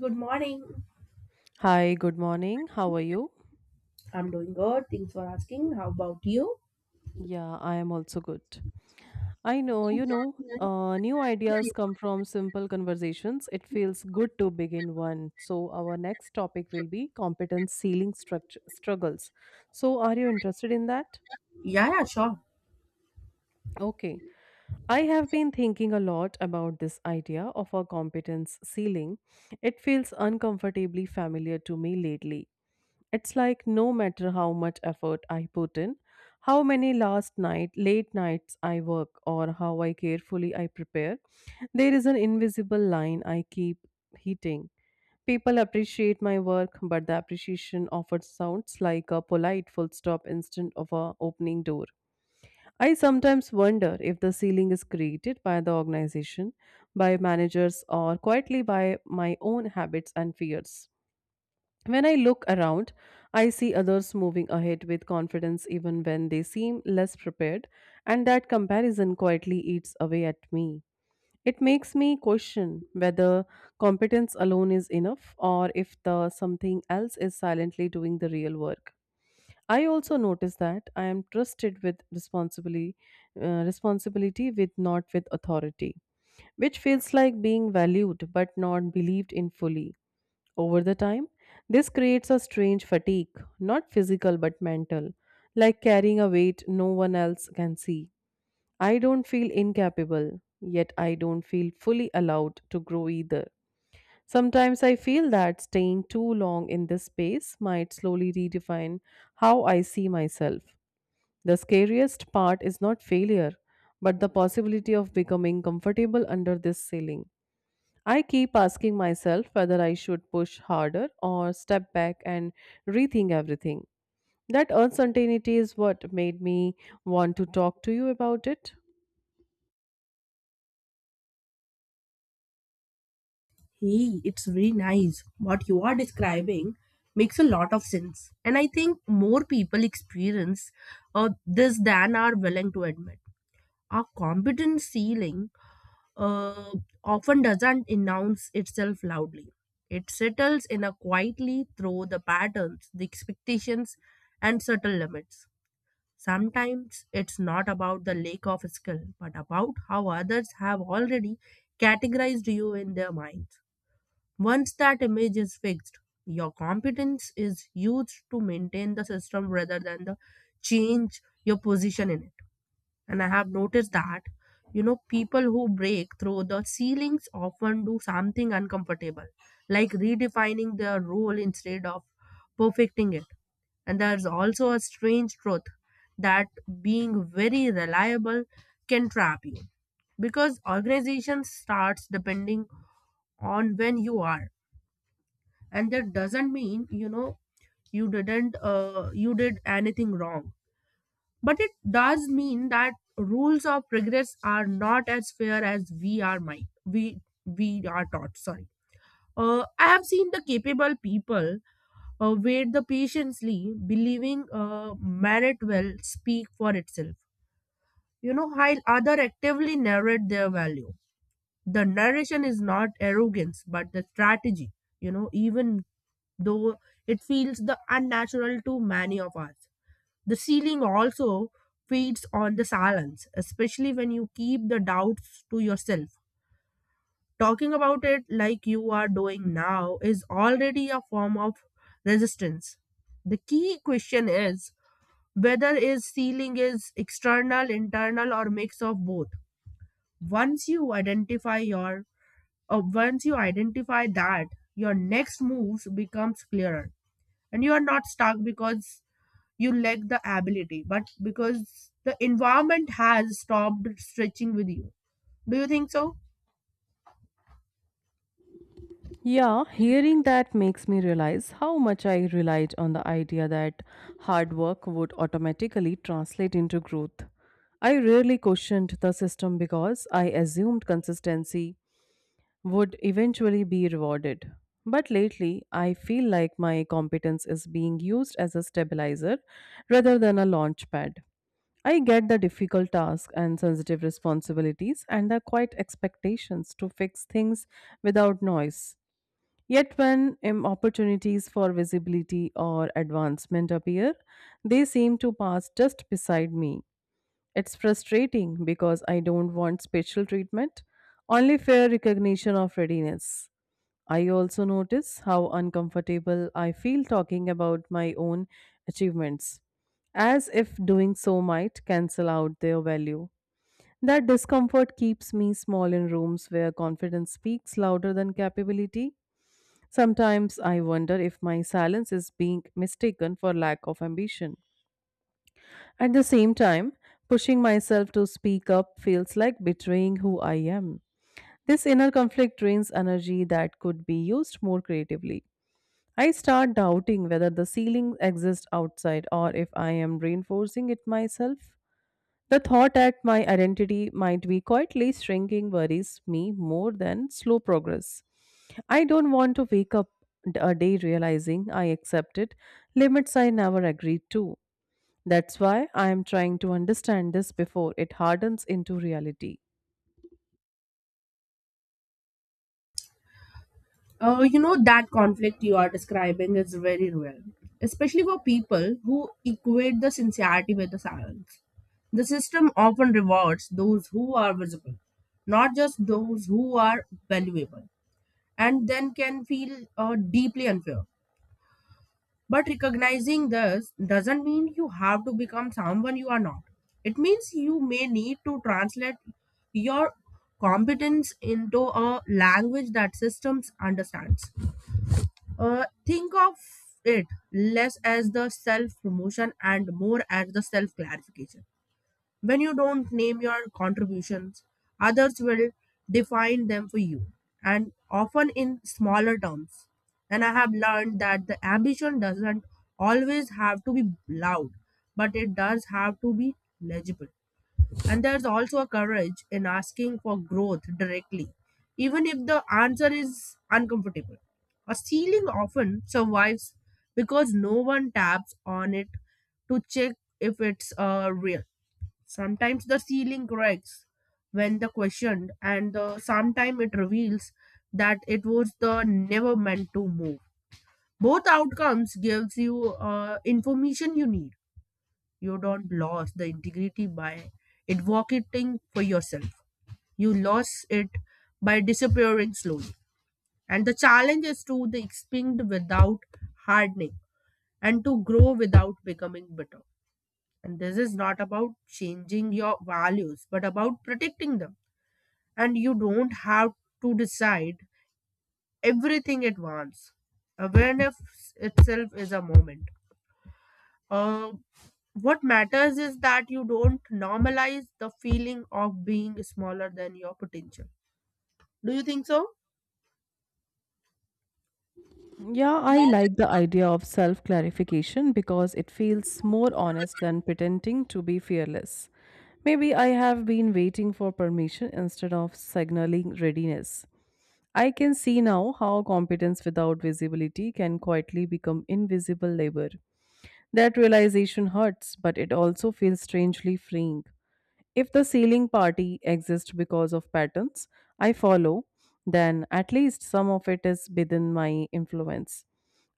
Good morning. Hi, good morning. How are you? I'm doing good. Thanks for asking. How about you? Yeah, I am also good. I know, new ideas come from simple conversations. It feels good to begin one. So, our next topic will be competence ceiling structure struggles. So, are you interested in that? Yeah, sure. Okay. I have been thinking a lot about this idea of a competence ceiling. It feels uncomfortably familiar to me lately. It's like no matter how much effort I put in, how many last night, late nights I work, or how I carefully I prepare, there is an invisible line I keep hitting. People appreciate my work, but the appreciation often sounds like a polite full stop instead of a opening door. I sometimes wonder if the ceiling is created by the organization, by managers, or quietly by my own habits and fears. When I look around, I see others moving ahead with confidence even when they seem less prepared, and that comparison quietly eats away at me. It makes me question whether competence alone is enough or if the something else is silently doing the real work. I also notice that I am trusted with responsibility, responsibility with not with authority, which feels like being valued but not believed in fully. Over the time, this creates a strange fatigue, not physical but mental, like carrying a weight no one else can see. I don't feel incapable, yet I don't feel fully allowed to grow either. Sometimes I feel that staying too long in this space might slowly redefine how I see myself. The scariest part is not failure, but the possibility of becoming comfortable under this ceiling. I keep asking myself whether I should push harder or step back and rethink everything. That uncertainty is what made me want to talk to you about it. Hey, it's very nice. What you are describing makes a lot of sense. And I think more people experience this than are willing to admit. Our competence ceiling uh, often doesn't announce itself loudly. It settles in a quietly through the patterns, the expectations, and subtle limits. Sometimes it's not about the lack of skill, but about how others have already categorized you in their minds. Once that image is fixed, your competence is used to maintain the system rather than the change your position in it. And I have noticed that, you know, people who break through the ceilings often do something uncomfortable, like redefining their role instead of perfecting it. And there's also a strange truth that being very reliable can trap you because organization starts depending on when you are, and that doesn't mean you know you didn't you did anything wrong, but it does mean that rules of progress are not as fair as we are mind we are taught. Sorry. I have seen the capable people wait the patiently, believing merit will speak for itself. You know, while other actively narrate their value. The narration is not arrogance, but the strategy. You know, even though it feels the unnatural to many of us. The ceiling also feeds on the silence, especially when you keep the doubts to yourself. Talking about it like you are doing now is already a form of resistance. The key question is whether is ceiling is external, internal, or mix of both. Once you identify your Once you identify that, your next moves becomes clearer, and you are not stuck because you lack the ability but because the environment has stopped stretching with you. Do you think so? Yeah, hearing that makes me realize how much I relied on the idea that hard work would automatically translate into growth. I rarely questioned the system because I assumed consistency would eventually be rewarded. But lately, I feel like my competence is being used as a stabilizer rather than a launch pad. I get the difficult tasks and sensitive responsibilities and the quiet expectations to fix things without noise. Yet, when opportunities for visibility or advancement appear, they seem to pass just beside me. It's frustrating because I don't want special treatment, only fair recognition of readiness. I also notice how uncomfortable I feel talking about my own achievements, as if doing so might cancel out their value. That discomfort keeps me small in rooms where confidence speaks louder than capability. Sometimes I wonder if my silence is being mistaken for lack of ambition. At the same time, pushing myself to speak up feels like betraying who I am. This inner conflict drains energy that could be used more creatively. I start doubting whether the ceiling exists outside or if I am reinforcing it myself. The thought that my identity might be quietly shrinking worries me more than slow progress. I don't want to wake up a day realizing I accepted limits I never agreed to. That's why I am trying to understand this before it hardens into reality. You know that conflict you are describing is very real, especially for people who equate the sincerity with the silence. The system often rewards those who are visible, not just those who are valuable, and then can feel deeply unfair. But recognizing this doesn't mean you have to become someone you are not. It means you may need to translate your competence into a language that systems understands. Think of it less as the self promotion and more as the self clarification. When you don't name your contributions, others will define them for you, and often in smaller terms. And I have learned that the ambition doesn't always have to be loud, but it does have to be legible. And there's also a courage in asking for growth directly, even if the answer is uncomfortable. A ceiling often survives because no one taps on it to check if it's real. Sometimes the ceiling cracks when the questioned, and the sometimes it reveals that it was the never meant to move. Both outcomes gives you information you need. You don't lose the integrity by advocating for yourself. You lost it by disappearing slowly. And the challenge is to the expand without hardening, and to grow without becoming bitter. And this is not about changing your values, but about protecting them. And you don't have to decide everything at once. Awareness itself is a moment. Uh, what matters is that you don't normalize the feeling of being smaller than your potential. Do you think so? Yeah, I Well. like the idea of self clarification because it feels more honest than pretending to be fearless. Maybe I have been waiting for permission instead of signaling readiness. I can see now how competence without visibility can quietly become invisible labor. That realization hurts, but it also feels strangely freeing. If the ceiling party exists because of patterns I follow, then at least some of it is within my influence.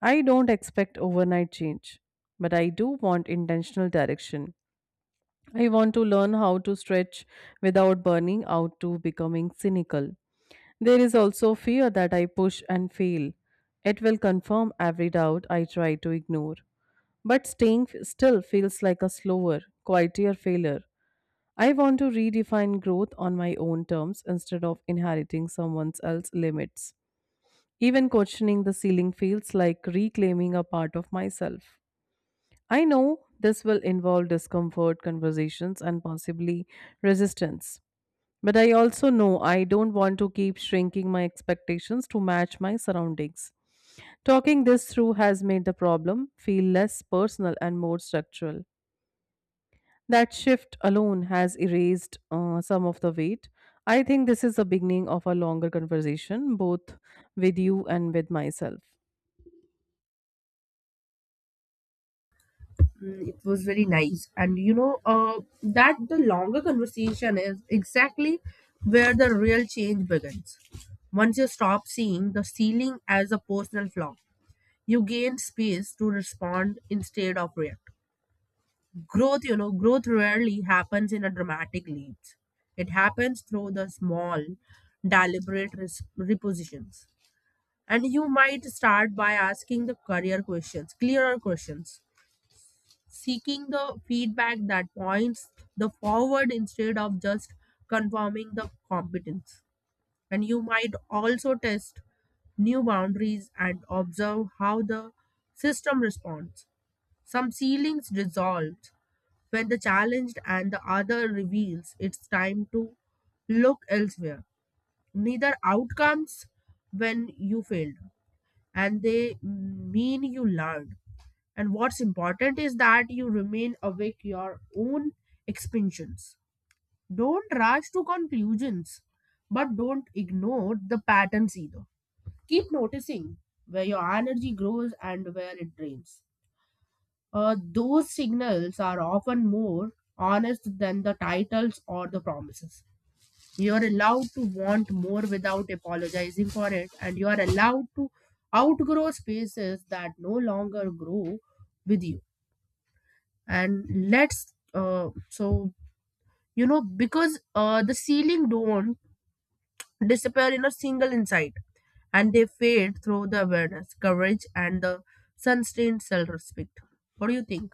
I don't expect overnight change, but I do want intentional direction. I want to learn how to stretch without burning out to becoming cynical. There is also fear that I push and fail. It will confirm every doubt I try to ignore. But still feels like a slower, quieter failure. I want to redefine growth on my own terms instead of inheriting someone else's limits. Even questioning the ceiling feels like reclaiming a part of myself. I know this will involve discomfort, conversations, and possibly resistance. But I also know I don't want to keep shrinking my expectations to match my surroundings. Talking this through has made the problem feel less personal and more structural. That shift alone has erased some of the weight. I think this is the beginning of a longer conversation, both with you and with myself. Mm, it was very nice. And you know, that the longer conversation is exactly where the real change begins. Once you stop seeing the ceiling as a personal flaw, you gain space to respond instead of react. Growth, you know, growth rarely happens in a dramatic leap. It happens through the small, deliberate repositions. And you might start by asking the career questions, clearer questions, seeking the feedback that points the forward instead of just confirming the competence. And you might also test new boundaries and observe how the system responds. Some ceilings dissolve when the challenged, and the other reveals it's time to look elsewhere. Neither outcomes when you failed and they mean you learned. And what's important is that you remain awake your own expansions. Don't rush to conclusions, but don't ignore the patterns either. Keep noticing where your energy grows and where it drains. Those signals are often more honest than the titles or the promises. You're allowed to want more without apologizing for it, and you are allowed to outgrow spaces that no longer grow with you. And let's so you know because the ceiling don't disappear in a single insight, and they fade through the awareness courage, and the sun-stained self-respect. What do you think?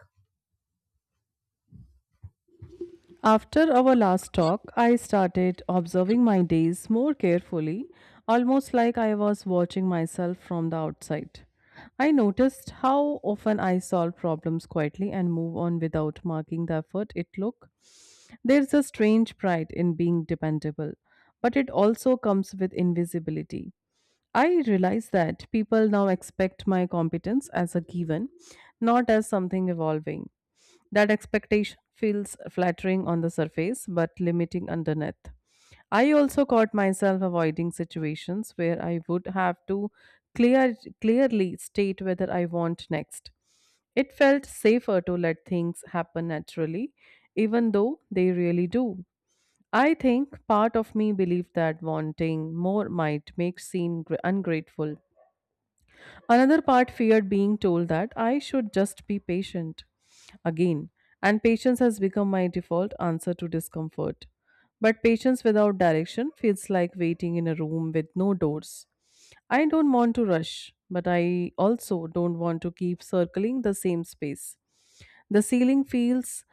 After our last talk, I started observing my days more carefully, almost like I was watching myself from the outside. I noticed how often I solve problems quietly and move on without marking the effort it took. There's a strange pride in being dependable, but it also comes with invisibility. I realize that people now expect my competence as a given, not as something evolving. That expectation feels flattering on the surface but limiting underneath. I also caught myself avoiding situations where I would have to clearly state whether I want next. It felt safer to let things happen naturally, even though they really do. I think part of me believed that wanting more might make ungrateful. Another part feared being told that I should just be patient again, and patience has become my default answer to discomfort. But patience without direction feels like waiting in a room with no doors. I don't want to rush, but I also don't want to keep circling the same space. The ceiling feels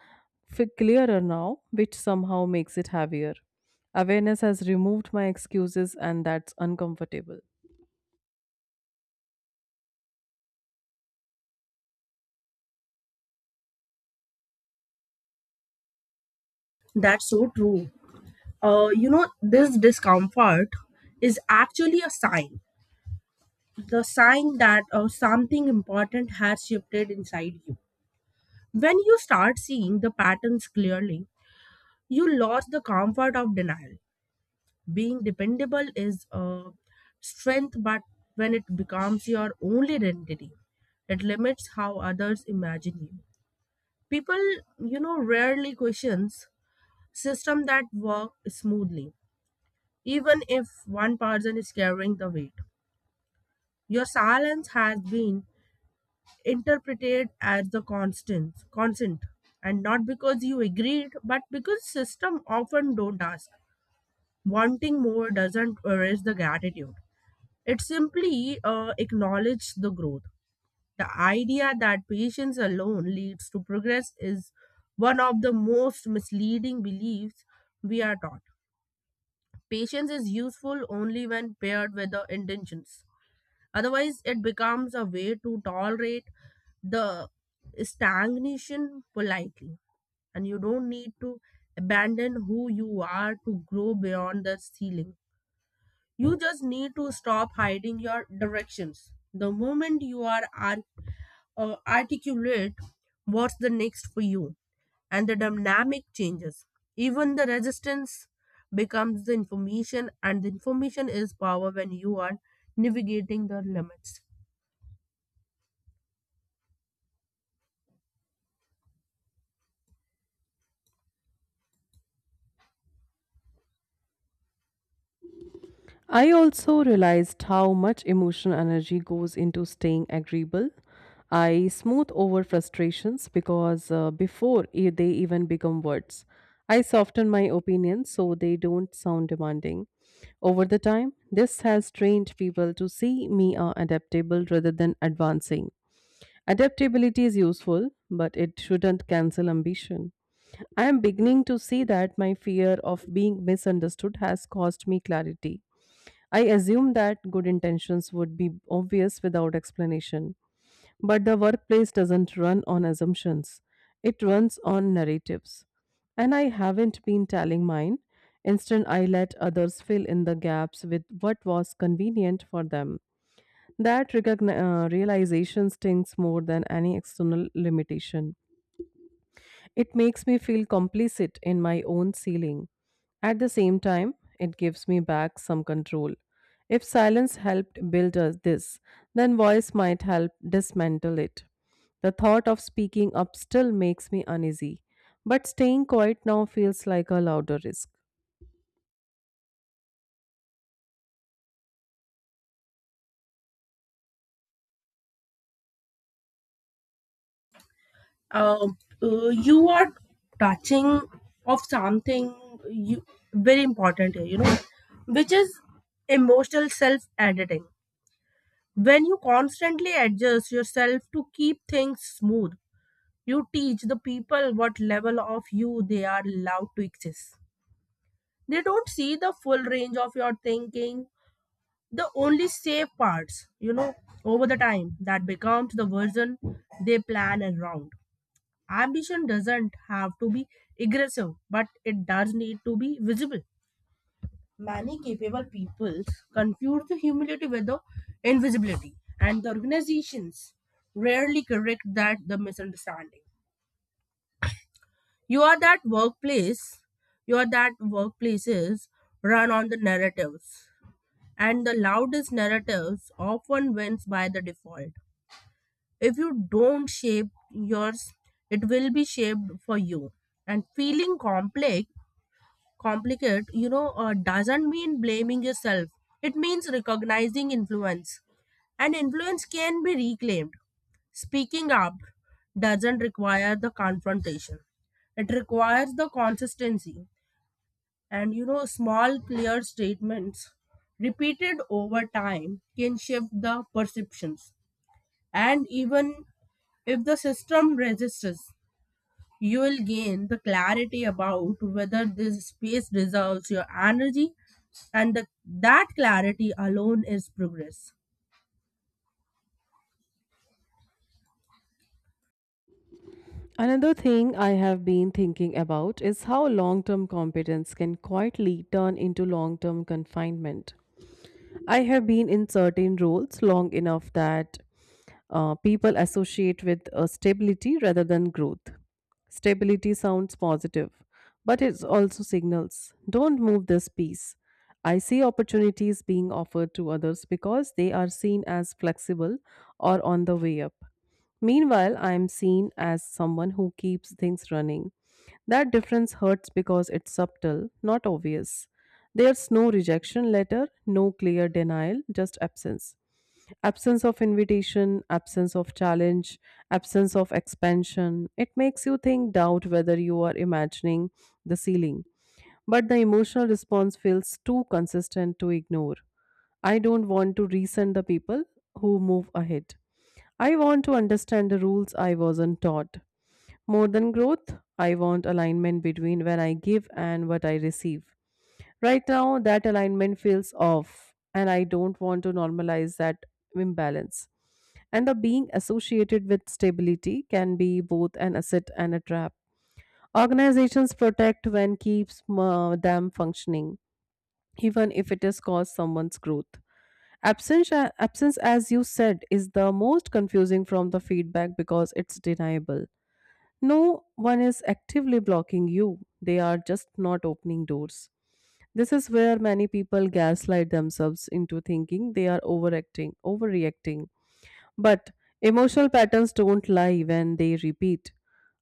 clearer now, which somehow makes it heavier. Awareness has removed my excuses, and that's uncomfortable. That's so true. You know, this discomfort is actually a sign, the sign that something important has shifted inside you. When you start seeing the patterns clearly, you lost the comfort of denial. Being dependable is a strength, but when it becomes your only identity, it limits how others imagine you. People, you know, rarely questions system that work smoothly, even if one person is carrying the weight. Your silence has been interpreted as the constant, and not because you agreed, but because system often don't ask. Wanting more doesn't erase the gratitude. It simply acknowledged the growth. The idea that patience alone leads to progress is one of the most misleading beliefs we are taught. Patience is useful only when paired with the intentions. Otherwise, it becomes a way to tolerate the stagnation politely. And you don't need to abandon who you are to grow beyond the ceiling. You just need to stop hiding your directions. The moment you articulate what's the next for you, and the dynamic changes. Even the resistance becomes the information, and the information is power when you are navigating the limits. I also realized how much emotional energy goes into staying agreeable. I smooth over frustrations because before e- they even become words, I soften my opinions so they don't sound demanding. Over the time, this has trained people to see me as adaptable rather than advancing. Adaptability is useful, but it shouldn't cancel ambition. I am beginning to see that my fear of being misunderstood has cost me clarity. I assume that good intentions would be obvious without explanation, but the workplace doesn't run on assumptions, it runs on narratives. And I haven't been telling mine. Instead, I let others fill in the gaps with what was convenient for them. That realization stings more than any external limitation. It makes me feel complicit in my own ceiling. At the same time, it gives me back some control. If silence helped build us this, then voice might help dismantle it. The thought of speaking up still makes me uneasy, but staying quiet now feels like a louder risk. You are touching of something you very important here, you know, which is emotional self editing. When you constantly adjust yourself to keep things smooth, you teach the people what level of you they are allowed to exist. They don't see the full range of your thinking, the only safe parts, you know, over the time that becomes the version they plan around. Ambition doesn't have to be aggressive, but it does need to be visible. Many capable people confuse the humility with the invisibility, and the organizations rarely correct that the misunderstanding. You are that workplace, you are that workplaces run on the narratives, and the loudest narratives often wins by the default. If you don't shape yours, it will be shaped for you. And feeling complex complicate, you know, doesn't mean blaming yourself. It means recognizing influence. And influence can be reclaimed. Speaking up doesn't require the confrontation, it requires the consistency. And, you know, small, clear statements repeated over time can shift the perceptions. And even if the system resists, you will gain the clarity about whether this space deserves your energy, and the, that clarity alone is progress. Another thing I have been thinking about is how long term competence can quietly turn into long term confinement. I have been in certain roles long enough that people associate with stability rather than growth. Stability sounds positive, but it also signals don't move this piece. I see opportunities being offered to others because they are seen as flexible or on the way up. Meanwhile, I am seen as someone who keeps things running. That difference hurts because it's subtle, not obvious. There's no rejection letter, no clear denial, just absence. Absence of invitation, absence of challenge, absence of expansion. It makes you think, doubt whether you are imagining the ceiling. But the emotional response feels too consistent to ignore. I don't want to resent the people who move ahead. I want to understand the rules I wasn't taught. More than growth, I want alignment between when I give and what I receive. Right now, that alignment feels off, and I don't want to normalize that imbalance. And the being associated with stability can be both an asset and a trap. Organizations protect when keeps them functioning, even if it has caused someone's growth. Absence, as you said, is the most confusing from the feedback because it's deniable, no one is actively blocking you, they are just not opening doors. This is where many people gaslight themselves into thinking they are overreacting. But emotional patterns don't lie when they repeat.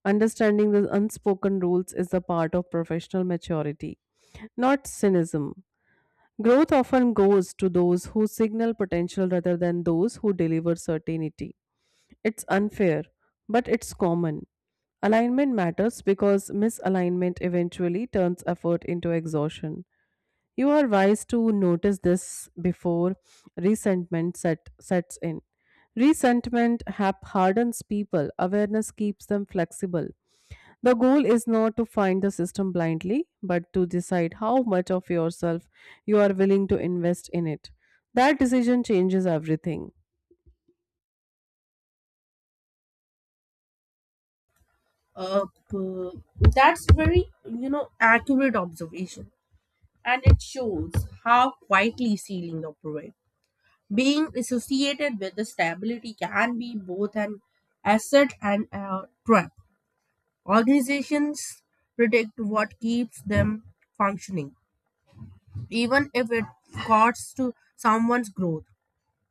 Understanding the unspoken rules is a part of professional maturity, not cynicism. Growth often goes to those who signal potential rather than those who deliver certainty. It's unfair, but it's common. Alignment matters because misalignment eventually turns effort into exhaustion. You are wise to notice this before sets in. Hardens people, awareness keeps them flexible. The goal is not to find the system blindly, but to decide how much of yourself you are willing to invest in it. That decision changes everything. Uh, p- that's very you know accurate observation, and it shows how quietly ceiling operate. Being associated with the stability can be both an asset and a trap. Organizations protect what keeps them functioning even if it costs to someone's growth.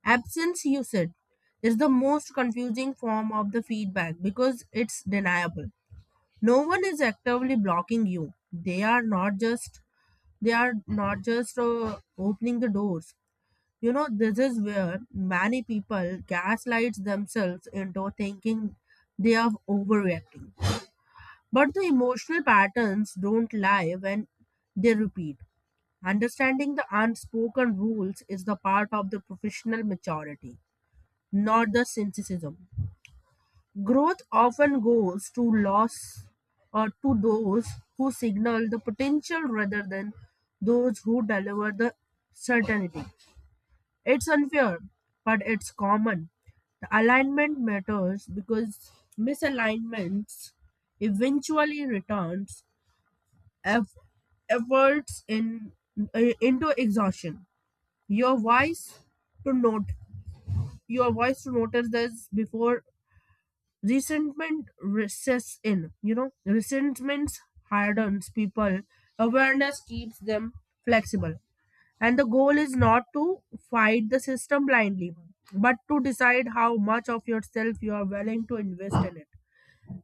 Absence, you said, is the most confusing form of the feedback because it's deniable. No one is actively blocking you. They are not just they are not just opening the doors. You know, this is where many people gaslight themselves into thinking they are overreacting. But the emotional patterns don't lie when they repeat. Understanding the unspoken rules is the part of the professional maturity, not the cynicism. Growth often goes to loss or to those who signal the potential rather than those who deliver the certainty. It's unfair, but it's common. The alignment matters because misalignments eventually returns eff- efforts in into exhaustion. Your voice to note your voice to notice this before resentment recesses in. You know, resentment hardens people. Awareness keeps them flexible. And the goal is not to fight the system blindly, but to decide how much of yourself you are willing to invest in it.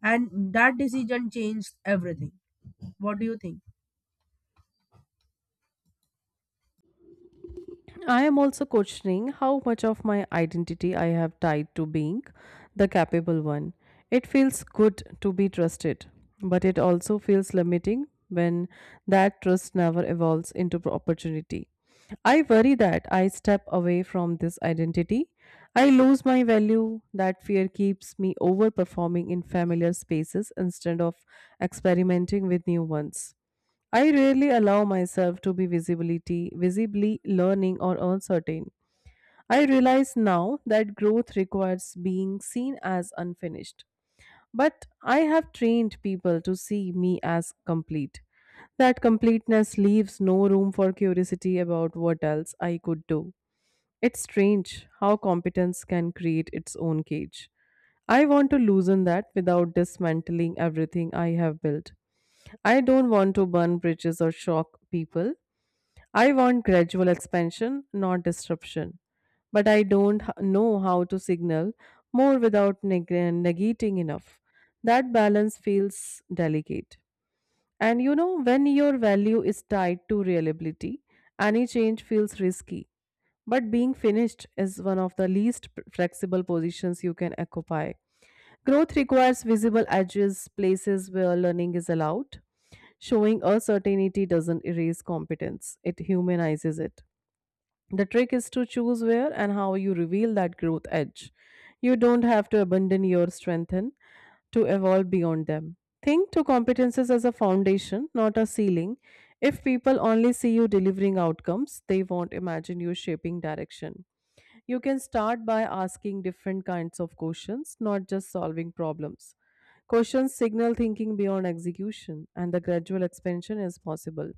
And that decision changed everything. What do you think? I am also questioning how much of my identity I have tied to being the capable one. It feels good to be trusted, but it also feels limiting when that trust never evolves into opportunity. I worry that I step away from this identity. I lose my value. That fear keeps me overperforming in familiar spaces instead of experimenting with new ones. I rarely allow myself to be visibly learning or uncertain. I realize now that growth requires being seen as unfinished. But I have trained people to see me as complete. That completeness leaves no room for curiosity about what else I could do. It's strange how competence can create its own cage. I want to loosen that without dismantling everything I have built. I don't want to burn bridges or shock people. I want gradual expansion, not disruption. But I don't know how to signal more without negating enough. That balance feels delicate. And you know, when your value is tied to reliability, any change feels risky. But being finished is one of the least flexible positions you can occupy. Growth requires visible edges, places where learning is allowed. Showing uncertainty doesn't erase competence, it humanizes it. The trick is to choose where and how you reveal that growth edge. You don't have to abandon your strengthen to evolve beyond them. Think to competences as a foundation, not a ceiling. If people only see you delivering outcomes, they won't imagine you shaping direction. You can start by asking different kinds of questions, not just solving problems. Questions signal thinking beyond execution, and the gradual expansion is possible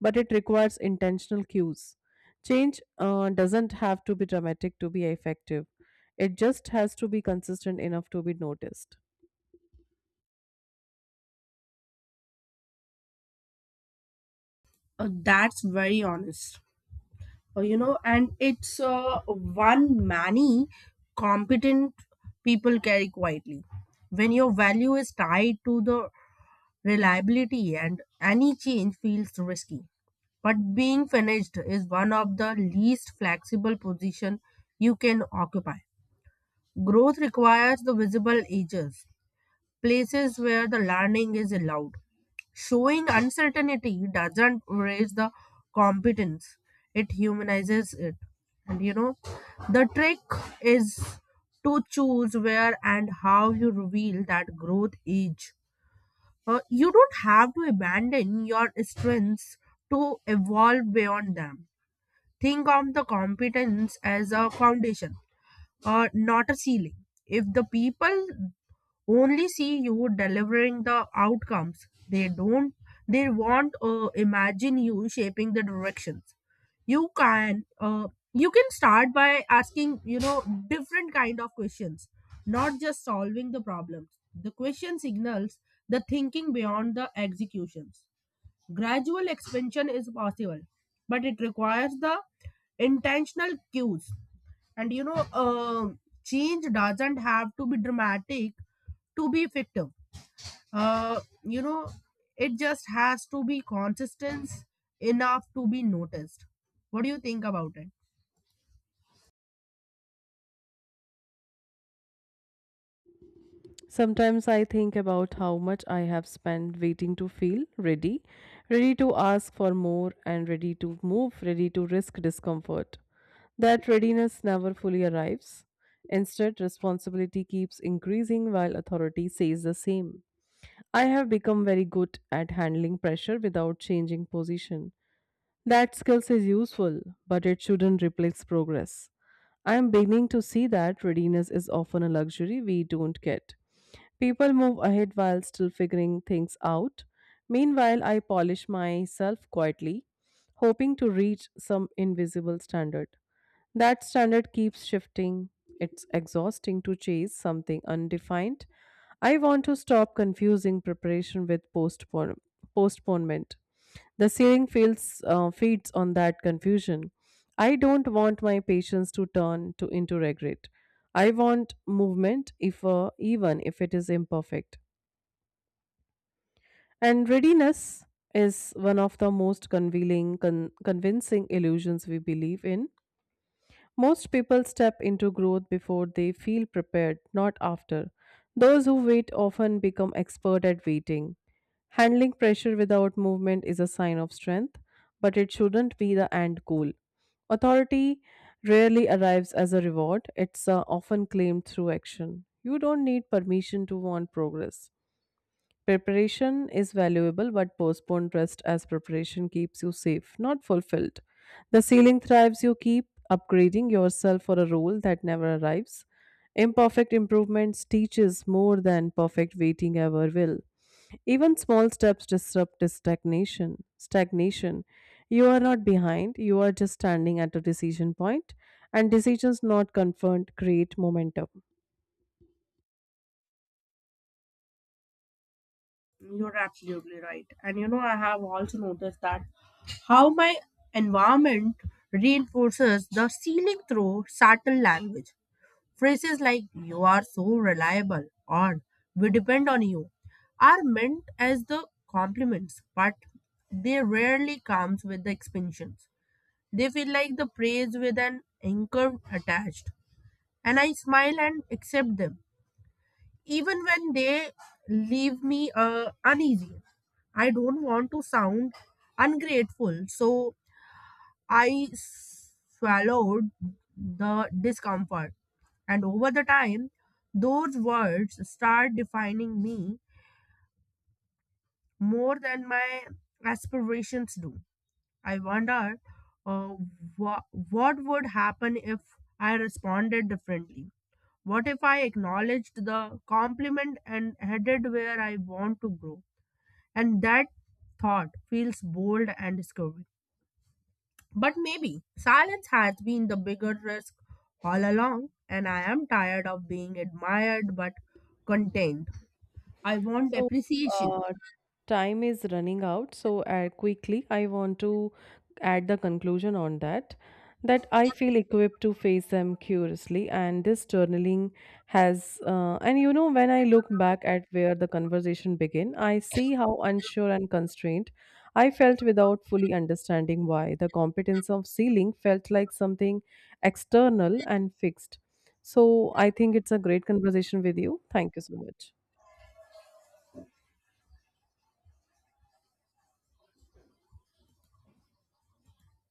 but it requires intentional cues. Change doesn't have to be dramatic to be effective, it just has to be consistent enough to be noticed. That's very honest. You know, and it's one many competent people carry quietly. When your value is tied to the reliability and any change feels risky, but being finished is one of the least flexible position you can occupy. Growth requires the visible edges, places where the learning is allowed. Showing uncertainty doesn't raise the competence, it humanizes it. And you know, the trick is to choose where and how you reveal that growth age. You don't have to abandon your strengths to evolve beyond them. Think of the competence as a foundation, not a ceiling. If the people only see you delivering the outcomes. They don't, They want imagine you shaping the directions. You can, uh, you can start by asking, you know, different kind of questions, not just solving the problems. The question signals the thinking beyond the executions. Gradual expansion is possible, but it requires the intentional cues. And you know, change doesn't have to be dramatic to be effective. You know, it just has to be consistent enough to be noticed. What do you think about it? Sometimes I think about how much I have spent waiting to feel ready, ready to ask for more, and ready to move, ready to risk discomfort. That readiness never fully arrives. Instead, responsibility keeps increasing while authority says the same. I have become very good at handling pressure without changing position. That skill is useful, but it shouldn't replace progress. I am beginning to see that readiness is often a luxury we don't get. People move ahead while still figuring things out. Meanwhile, I polish myself quietly, hoping to reach some invisible standard. That standard keeps shifting. It's exhausting to chase something undefined. I want to stop confusing preparation with postponement. The ceiling feeds on that confusion. I don't want my patients to turn to into regret. I want movement, if even if it is imperfect. And readiness is one of the most convincing illusions we believe in most people step into growth before they feel prepared, not after. Those who wait often become expert at waiting. Handling pressure without movement is a sign of strength, but it shouldn't be the end goal. Authority rarely arrives as a reward, it's often claimed through action. You don't need permission to want progress. Preparation is valuable, but postponed rest as preparation keeps you safe, not fulfilled. The ceiling thrives, you keep upgrading yourself for a role that never arrives. Imperfect improvements teaches more than perfect waiting ever will. Even small steps disrupt this stagnation. Stagnation. You are not behind, you are just standing at a decision point, and decisions not confirmed create momentum. You're absolutely right. And you know, I have also noticed that how my environment reinforces the ceiling through subtle language. Phrases like you are so reliable or we depend on you are meant as the compliments, but they rarely comes with the expansions. They feel like the praise with an anchor attached. And I smile and accept them. Even when they leave me uneasy. I don't want to sound ungrateful, so I swallowed the discomfort. And over the time, those words start defining me more than my aspirations do. I wonder uh, what would happen if I responded differently. What if I acknowledged the compliment and headed where I want to grow? And that thought feels bold and scary. But maybe silence has been the bigger risk all along, and I am tired of being admired but content. I want So, appreciation. uh, Time is running out. Quickly, I want to add the conclusion on that that I feel equipped to face them curiously. And this journaling has, and you know, when I look back at where the conversation began, I see how unsure and constrained I felt without fully understanding why. The competence of sealing felt like something external and fixed. So, I think it's a great conversation with you. Thank you so much.